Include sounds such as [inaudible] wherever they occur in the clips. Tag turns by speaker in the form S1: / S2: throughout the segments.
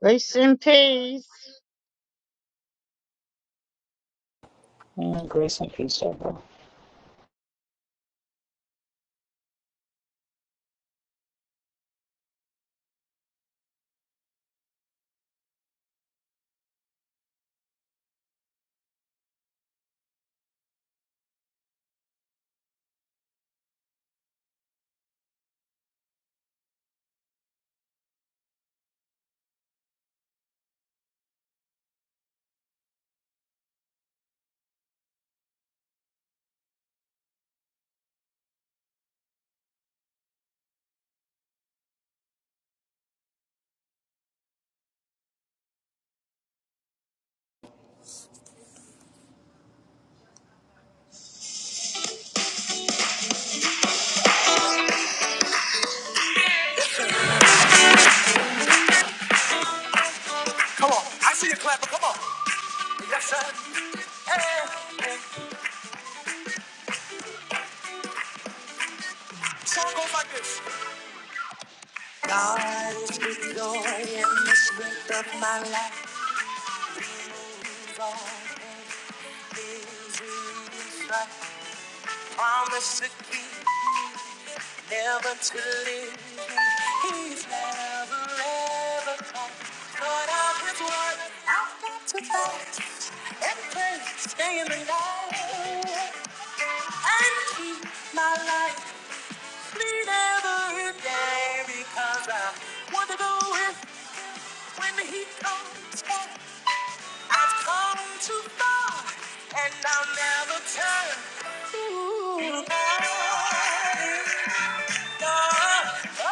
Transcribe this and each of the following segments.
S1: Grace and peace.
S2: Mm, grace and peace, Deborah. Come on. I see you clapping. Come on. Yes, sir. Hey. Song goes like this. God is the joy and the strength of my life. His word is right. Promise to keep, never to leave me. He's never ever come. But I've out his word, I've got to fight and pray, stay in the light and keep my life. Bleed every day because I want to go with when the heat comes on. I've come too far and I'll never turn. Ooh, you know it. No, no,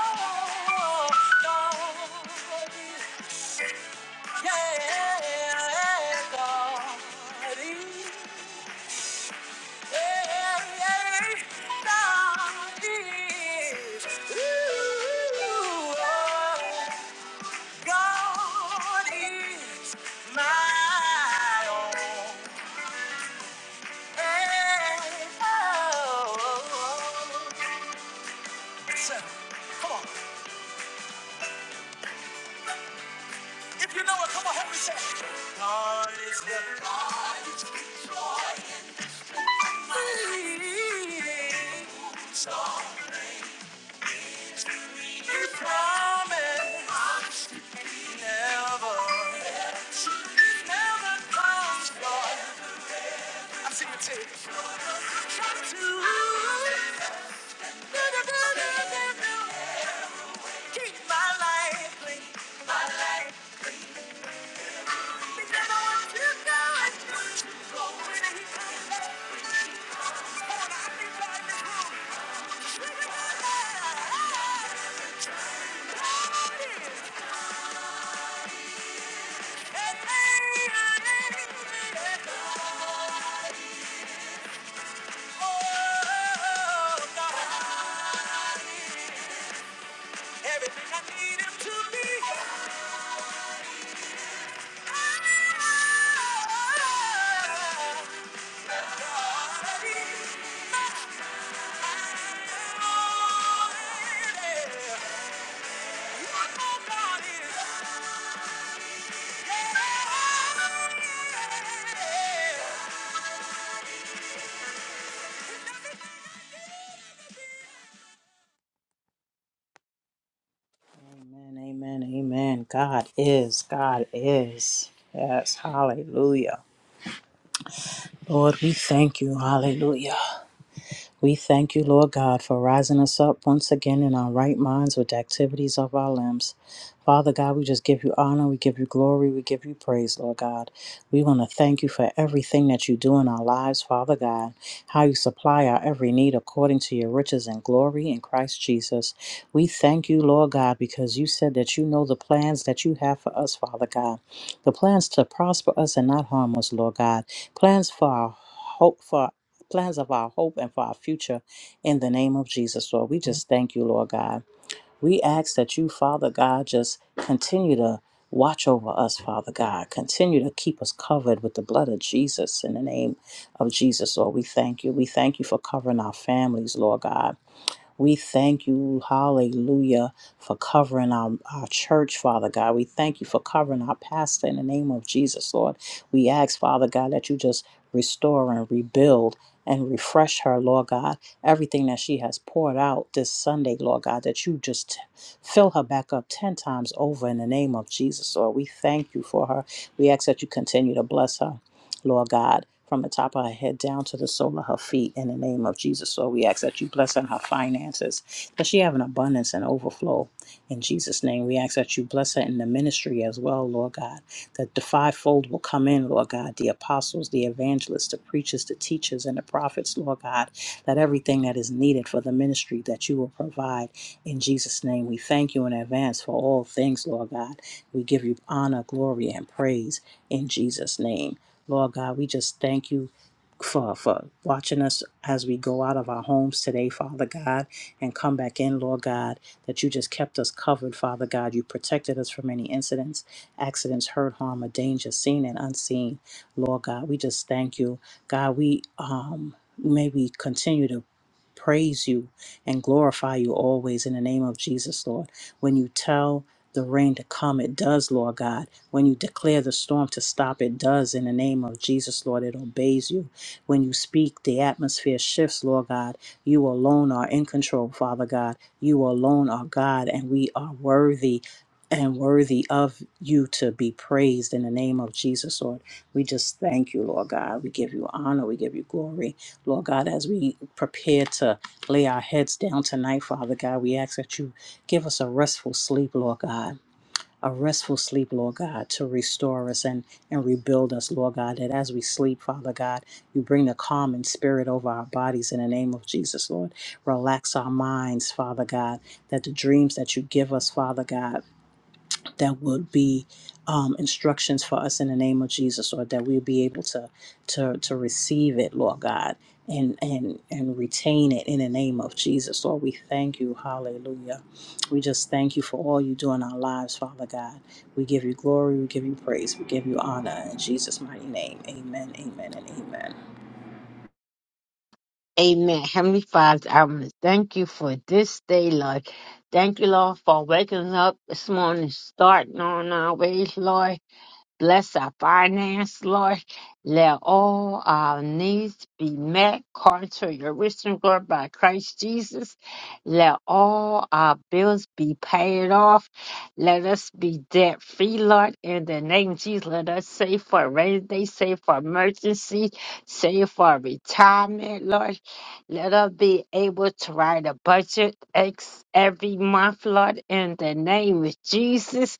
S2: no. Yeah, God, yeah, yeah. God is. Ooh, God is my own. So, come on. If you know it, come on, help me say. it. God is the God is the joy and the strength. So is He He promised He never, He never comes. Lord. I see you too. Oh, God. Everything I need him to be. Yeah. Amen, amen, amen. God is, God is. Yes, hallelujah. Lord, we thank you. Hallelujah. We thank you, Lord God, for rising us up once again in our right minds with the activities of our limbs. Father God, we just give you honor, we give you glory, we give you praise, Lord God. We want to thank you for everything that you do in our lives, Father God, how you supply our every need according to your riches and glory in Christ Jesus. We thank you, Lord God, because you said that you know the plans that you have for us, Father God. The plans to prosper us and not harm us, Lord God. Plans for our hope for plans of our hope and for our future in the name of Jesus, Lord. We just thank you, Lord God. We ask that you, Father God, just continue to watch over us, Father God. Continue to keep us covered with the blood of Jesus in the name of Jesus, Lord. We thank you. We thank you for covering our families, Lord God. We thank you, hallelujah, for covering our, our church, Father God. We thank you for covering our pastor in the name of Jesus, Lord. We ask, Father God, that you just restore and rebuild and refresh her, Lord God. Everything that she has poured out this Sunday, Lord God, that you just t- fill her back up 10 times over in the name of Jesus, Lord. We thank you for her. We ask that you continue to bless her. Lord God, from the top of her head down to the sole of her feet in the name of Jesus. Lord, we ask that you bless her in her finances, that she have an abundance and overflow. In Jesus' name, we ask that you bless her in the ministry as well, Lord God, that the fivefold will come in, Lord God, the apostles, the evangelists, the preachers, the teachers, and the prophets, Lord God, that everything that is needed for the ministry that you will provide. In Jesus' name, we thank you in advance for all things, Lord God. We give you honor, glory, and praise in Jesus' name. Lord God, we just thank you for, for watching us as we go out of our homes today, Father God, and come back in, Lord God, that you just kept us covered, Father God. You protected us from any incidents, accidents, hurt, harm, or danger, seen and unseen, Lord God. We just thank you. God, we um may we continue to praise you and glorify you always in the name of Jesus, Lord. When you tell the rain to come, it does, Lord God when you declare the storm to stop, it does in the name of Jesus, Lord. It obeys you. When you speak, the atmosphere shifts, Lord God. You alone are in control, Father God. You alone are God, and we are worthy and worthy of you to be praised in the name of Jesus, Lord. We just thank you, Lord God. We give you honor. We give you glory, Lord God, as we prepare to lay our heads down tonight, Father God. We ask that you give us a restful sleep, Lord God a restful sleep, Lord God, to restore us and, and rebuild us, Lord God, that as we sleep, Father God, you bring the calm and spirit over our bodies in the name of Jesus, Lord. Relax our minds, Father God, that the dreams that you give us, Father God, that would be um, instructions for us in the name of Jesus, or that we'll be able to to to receive it, Lord God, and and and retain it in the name of Jesus. Lord, we thank you, Hallelujah. We just thank you for all you do in our lives, Father God. We give you glory, we give you praise, we give you honor in Jesus' mighty name. Amen, amen, and amen.
S1: Amen. Heavenly Father, I want to thank you for this day, Lord. Thank you, Lord, for waking us up this morning, starting on our way, Lord. Bless our finance, Lord. Let all our needs be met according to your rich and glory by Christ Jesus. Let all our bills be paid off. Let us be debt free, Lord, in the name of Jesus. Let us save for a rainy day, save for emergency, save for retirement, Lord. Let us be able to write a budget ex- every month, Lord, in the name of Jesus.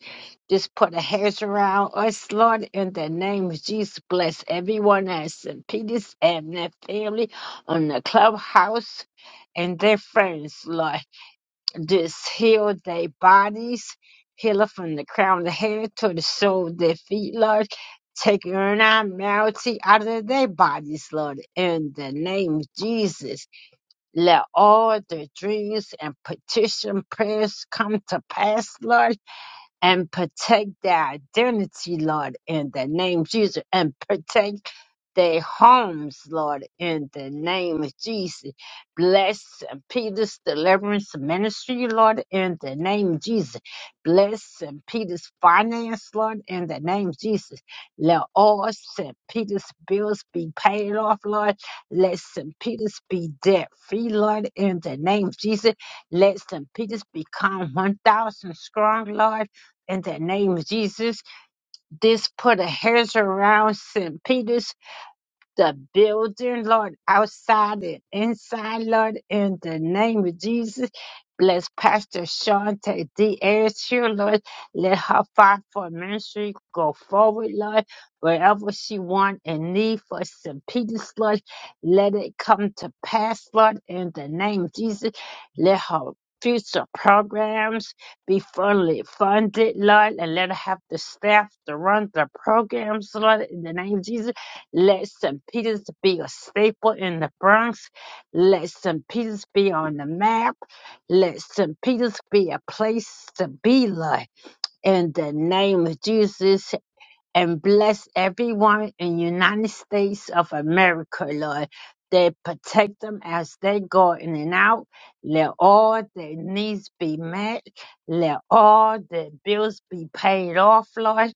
S1: Just put a hedge around us, Lord, in the name of Jesus. Bless everyone at St. Peter's and their family on the clubhouse and their friends, Lord. Just heal their bodies, heal it from the crown of the head to the sole of their feet, Lord. Take normality out of their bodies, Lord, in the name of Jesus. Let all their dreams and petition prayers come to pass, Lord and protect their identity, Lord, in the name of Jesus, and protect their homes, Lord, in the name of Jesus. Bless St. Peter's Deliverance Ministry, Lord, in the name of Jesus. Bless St. Peter's Finance, Lord, in the name of Jesus. Let all St. Peter's bills be paid off, Lord. Let St. Peter's be debt free, Lord, in the name of Jesus. Let St. Peter's become 1,000 strong, Lord, in the name of Jesus. This put a hedge around St. Peter's the building, Lord, outside and inside, Lord, in the name of Jesus. Bless Pastor Shante D. Ayers here, Lord. Let her fire for ministry go forward, Lord. Wherever she want and need for St. Peter's, Lord, let it come to pass, Lord, in the name of Jesus. Let her future programs be fully funded, Lord, and let her have the staff to run the programs, Lord, in the name of Jesus let St. Peter's be a staple in the Bronx. Let St. Peter's be on the map. Let St. Peter's be a place to be like. In the name of Jesus, and bless everyone in the United States of America, Lord. They protect them as they go in and out. Let all their needs be met. Let all their bills be paid off, Lord.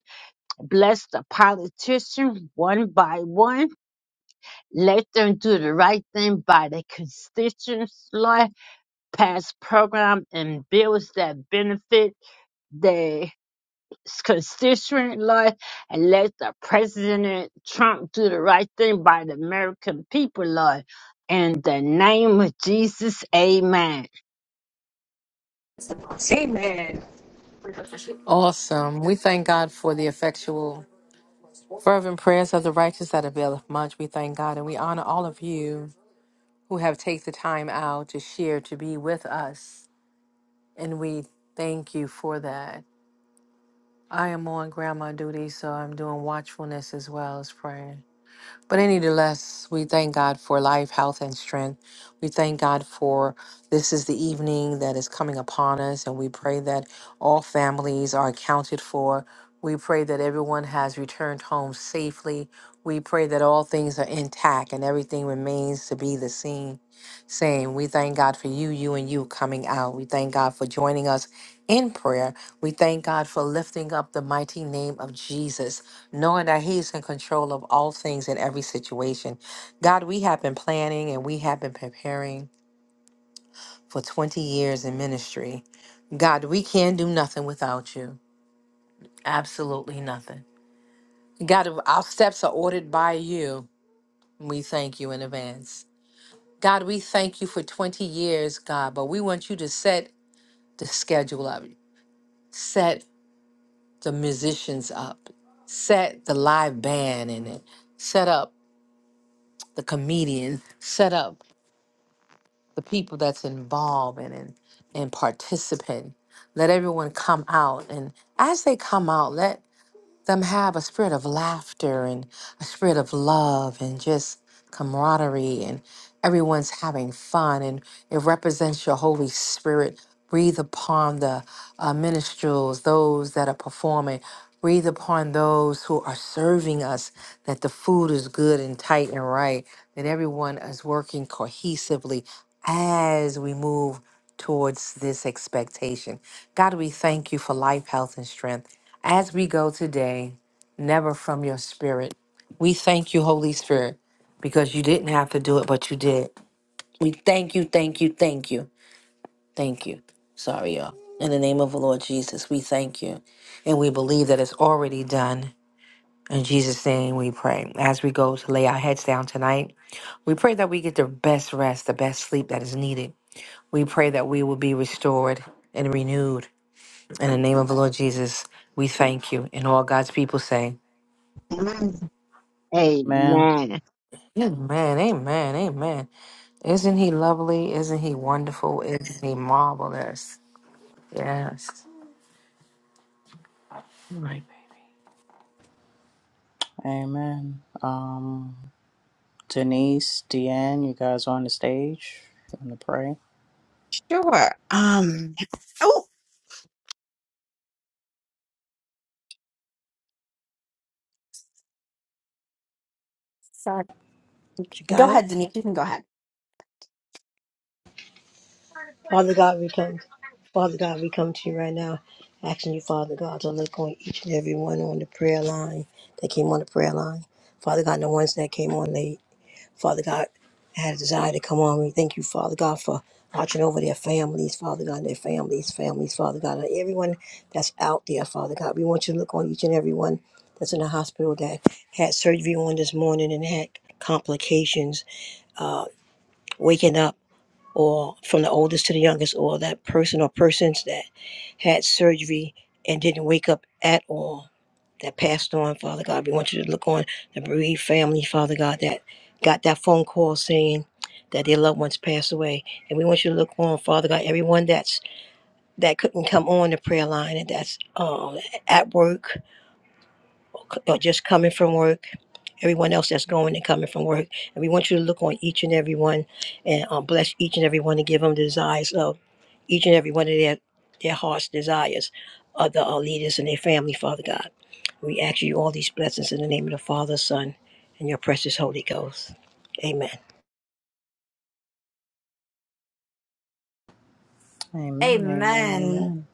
S1: Bless the politicians one by one let them do the right thing by their constituents, Lord. Pass programs and bills that benefit their constituent, Lord. And let the President Trump do the right thing by the American people, Lord. In the name of Jesus, amen.
S3: Amen. Awesome. We thank God for the effectual, fervent prayers of the righteous that availeth much. We thank God and we honor all of you who have taken the time out to share, to be with us. And we thank you for that. I am on grandma duty, so I'm doing watchfulness as well as praying. But any the less, we thank God for life, health, and strength. We thank God for this is the evening that is coming upon us, and we pray that all families are accounted for. We pray that everyone has returned home safely. We pray that all things are intact and everything remains to be the same. Same. We thank God for you, you, and you coming out. We thank God for joining us in prayer. We thank God for lifting up the mighty name of Jesus knowing that He's in control of all things in every situation. God, we have been planning and we have been preparing for 20 years in ministry. God, we can do nothing without you. Absolutely nothing. God, our steps are ordered by you. We thank you in advance. God, we thank you for 20 years, God, but we want you to set the schedule up, set the musicians up, set the live band in it, set up the comedian, set up the people that's involved and and, and participant. Let everyone come out, and as they come out, let them have a spirit of laughter and a spirit of love and just camaraderie and everyone's having fun and it represents your holy spirit breathe upon the uh, minstrels those that are performing breathe upon those who are serving us that the food is good and tight and right that everyone is working cohesively as we move towards this expectation god we thank you for life health and strength as we go today, never from your spirit, we thank you, Holy Spirit, because you didn't have to do it, but you did. We thank you, thank you, thank you, thank you. Sorry, y'all. In the name of the Lord Jesus, we thank you. And we believe that it's already done. In Jesus' name we pray. As we go to lay our heads down tonight, we pray that we get the best rest, the best sleep that is needed. We pray that we will be restored and renewed. In the name of the Lord Jesus, we thank you. And all God's people say,
S4: Um,
S2: Amen.
S1: Amen.
S3: Amen, amen, amen. Isn't he lovely? Isn't he wonderful? Isn't he marvelous? Yes. My
S2: Amen. Um Denise, Deanne, you guys on the stage. You want to pray?
S4: sure. Um, oh, sorry.
S5: You got
S4: Go
S5: it?
S4: ahead, Denise. You can go ahead.
S5: Father God, we come. Father God, we come to you right now, asking you, Father God, to look on each and every one on the prayer line that came on the prayer line. Father God, the ones that came on late. Father God, had a desire to come on. We thank you, Father God, for watching over their families, Father God, their families, families, Father God, and everyone that's out there, Father God. We want you to look on each and every one that's in the hospital that had surgery on this morning and had complications, uh, waking up. or from the oldest to the youngest, or that person or persons that had surgery and didn't wake up at all, that passed on, Father God. We want you to look on the bereaved family, Father God, that got that phone call saying that their loved ones passed away. And we want you to look on, Father God, everyone that's that couldn't come on the prayer line and that's um, at work or just coming from work, everyone else that's going and coming from work. And we want you to look on each and every one and um, bless each and every one and give them the desires of each and every one of their, their heart's desires of the uh, leaders and their family, Father God. We ask you all these blessings in the name of the Father, Son, and your precious Holy Ghost. Amen.
S2: Amen, amen,
S4: Amen.
S2: amen.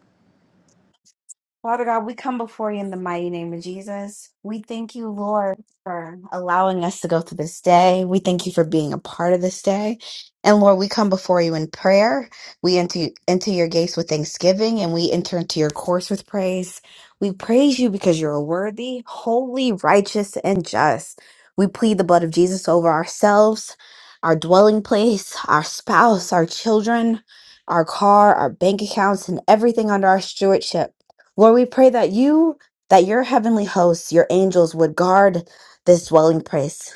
S4: Father God, we come before you in the mighty name of Jesus. We thank you, Lord, for allowing us to go through this day. We thank you for being a part of this day. And Lord, we come before you in prayer. We enter into your gates with thanksgiving and we enter into your courts with praise. We praise you because you're worthy, holy, righteous, and just. We plead the blood of Jesus over ourselves, our dwelling place, our spouse, our children, our car, our bank accounts, and everything under our stewardship. Lord, we pray that you, that your heavenly hosts, your angels would guard this dwelling place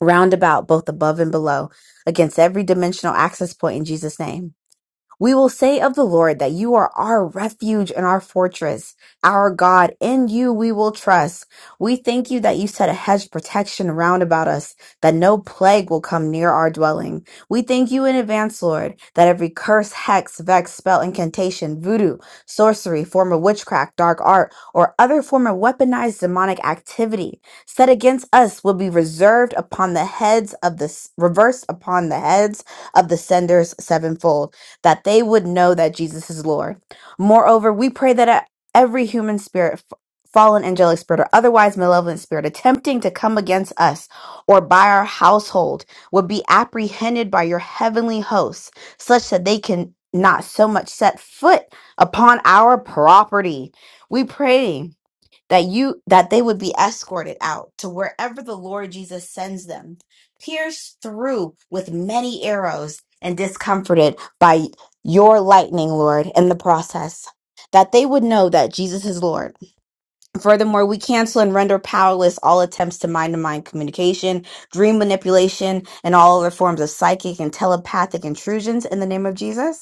S4: round about, both above and below, against every dimensional access point in Jesus' name. We will say of the Lord that you are our refuge and our fortress, our God. In you we will trust. We thank you that you set a hedge of protection round about us, that no plague will come near our dwelling. We thank you in advance, Lord, that every curse, hex, vex, spell, incantation, voodoo, sorcery, form of witchcraft, dark art, or other form of weaponized demonic activity set against us will be reserved upon the heads of the reversed upon the heads of the senders sevenfold that they would know that Jesus is Lord. Moreover, we pray that at every human spirit, f- fallen angelic spirit, or otherwise malevolent spirit attempting to come against us or by our household would be apprehended by your heavenly hosts, such that they can not so much set foot upon our property. We pray that you that they would be escorted out to wherever the Lord Jesus sends them, pierced through with many arrows and discomforted by your lightning, Lord, in the process. That they would know that Jesus is Lord. Furthermore, we cancel and render powerless all attempts to mind to mind communication, dream manipulation, and all other forms of psychic and telepathic intrusions in the name of Jesus.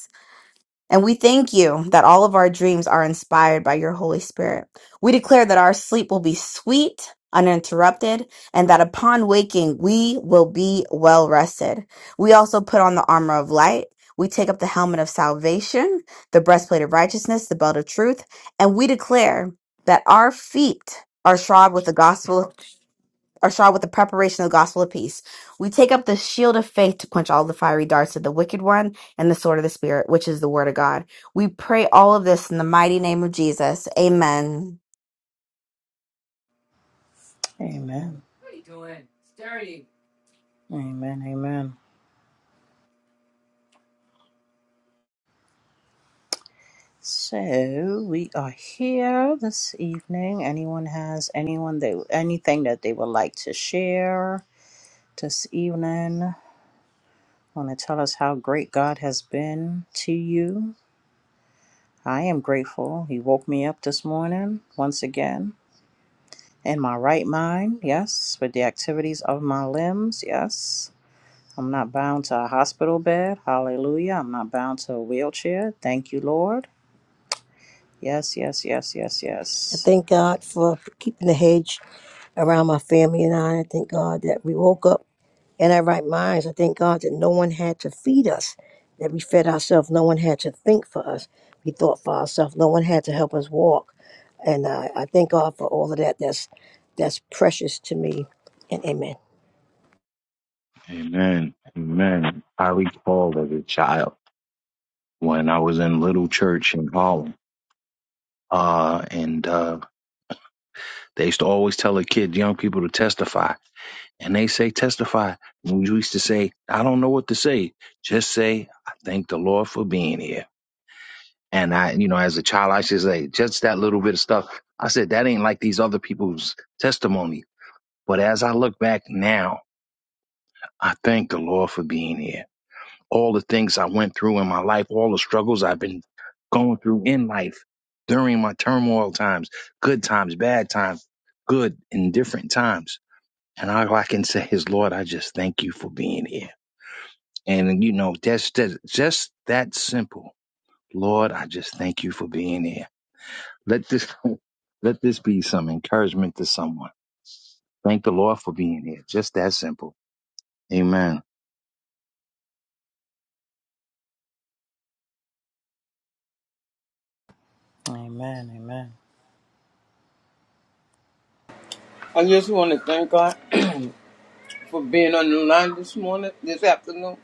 S4: And we thank you that all of our dreams are inspired by your Holy Spirit. We declare that our sleep will be sweet, uninterrupted, and that upon waking, we will be well rested. We also put on the armor of light. We take up the helmet of salvation, the breastplate of righteousness, the belt of truth, and we declare that our feet are shod with the gospel of
S3: ouch.
S4: are shod with the preparation of the gospel of peace. We take up the shield of faith to quench all the fiery darts of the wicked one and the sword of the Spirit, which is the word of God. We pray all of this in the mighty name of Jesus. Amen.
S2: Amen. Amen. Amen. So we are here this evening. Anyone has anyone they anything that they would like to share this evening? Want to tell us how great God has been to you? I am grateful. He woke me up this morning once again in my right mind. Yes, with the activities of my limbs. Yes. I'm not bound to a hospital bed. Hallelujah. I'm not bound to a wheelchair. Thank you, Lord. Yes, yes, yes, yes,
S5: I
S2: yes.
S5: thank God for keeping the hedge around my family and I. I thank God that we woke up in our right minds. I thank God that no one had to feed us, that we fed ourselves. No one had to think for us. We thought for ourselves. No one had to help us walk. And uh, I thank God for all of that. That's that's precious to me. And amen.
S6: Amen. Amen. I recall as a child when I was in little church in Harlem, uh, and uh, they used to always tell the kids, young people, to testify. And they say, testify. And we used to say, I don't know what to say. Just say, I thank the Lord for being here. And I, you know, as a child, I used to say, just that little bit of stuff. I said, that ain't like these other people's testimony. But as I look back now, I thank the Lord for being here. all the things I went through in my life, all the struggles I've been going through in life during my turmoil times, good times, bad times, good and different times. And all I can say is, Lord, I just thank you for being here. And you know, that's that's just that simple. Lord, I just thank you for being here. Let this [laughs] let this be some encouragement to someone. Thank the Lord for being here. Just that simple. Amen.
S2: Amen, amen,
S7: I just want to thank God for being on the line this morning, this afternoon.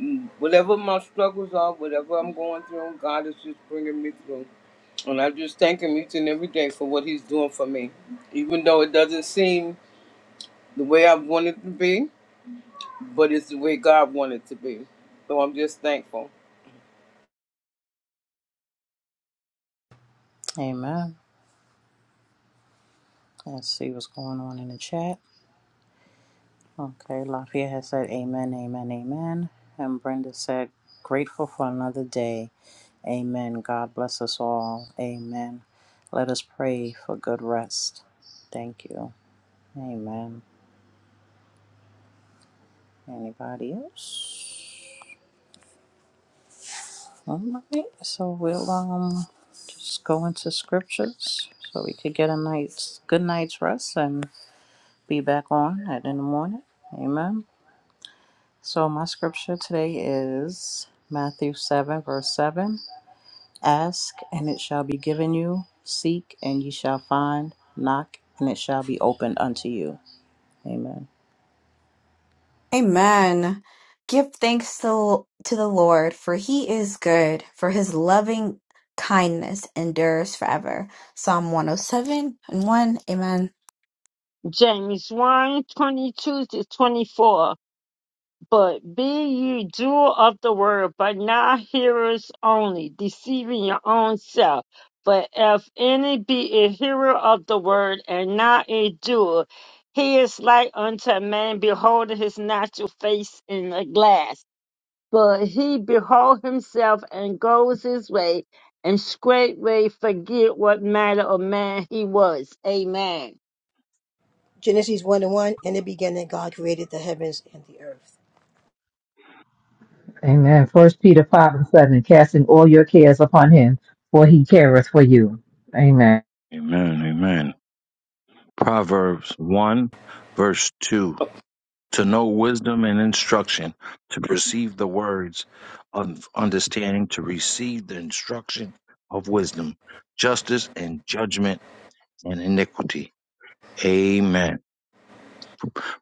S7: Mm, Whatever my struggles are, whatever I'm going through, God is just bringing me through. And I just thank Him each and every day for what He's doing for me. Even though it doesn't seem the way I want it to be, but it's the way God wanted it to be. So I'm just thankful.
S2: amen. Let's see what's going on in the chat. Okay, Lafayette has said amen, amen, amen. And Brenda said, grateful for another day. Amen. God bless us all. Amen. Let us pray for good rest. Thank you. Amen. Anybody else? All right. So we'll um just go into scriptures so we could get a night's good night's rest and be back on at in the morning. Amen. So my scripture today is Matthew 7, verse 7. Ask and it shall be given you, seek and ye shall find, knock and it shall be opened unto you. Amen.
S4: Amen. Give thanks to, to the Lord, for he is good, for his loving kindness endures forever. Psalm 107 and 1. Amen.
S1: James one 22 to 24. But be ye doers of the word, but not hearers only, deceiving your own self. But if any be a hearer of the word and not a doer, he is like unto a man beholding his natural face in a glass. But he behold himself and goes his way, and straightway forget what manner of man he was. Amen.
S5: Genesis 1 and 1 In the beginning, God created the heavens and the earth.
S8: Amen. First Peter five and seven, casting all your cares upon him, for he careth for you. Amen.
S6: Amen. Amen. Proverbs 1, verse 2 to know wisdom and instruction, to perceive the words of understanding, to receive the instruction of wisdom, justice and judgment and iniquity. Amen.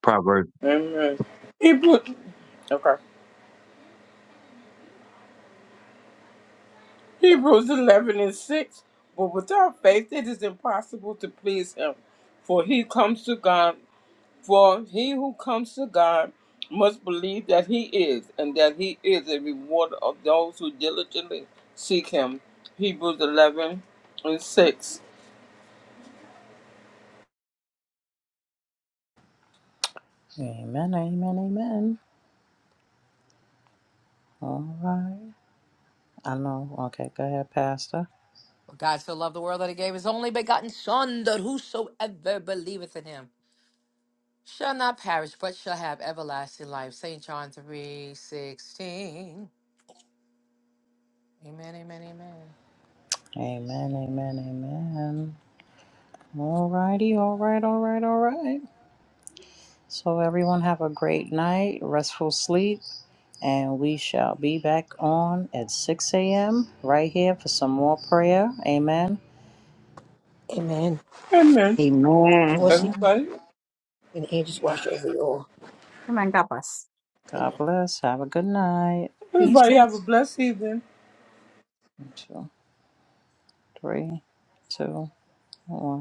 S6: Proverbs
S7: Amen. Hebrews, okay. Hebrews 11 and 6. But without faith, it is impossible to please Him. For He comes to God. For he who comes to God must believe that he is, and that he is a rewarder of those who diligently seek him. Hebrews 11 and 6.
S2: Amen. Amen. Amen. All right. I know. Okay, go ahead, Pastor.
S3: For God so loved the world that he gave his only begotten Son, that whosoever believeth in him shall not perish, but shall have everlasting life. St. John three sixteen. Amen, amen, amen.
S2: Amen. Amen. Amen. All righty. All right. All right. All right. So, everyone, have a great night, restful sleep, and we shall be back on at 6 a.m. right here for some more prayer. Amen.
S5: Amen.
S7: Amen.
S1: Amen.
S5: And we'll see.
S2: All right.
S7: Everybody,
S5: And the angels watch over you all.
S4: Amen. God bless.
S2: God
S5: Amen.
S2: bless. Have a good night.
S4: You too.
S7: everybody have a blessed evening.
S2: One, two, three, two, one.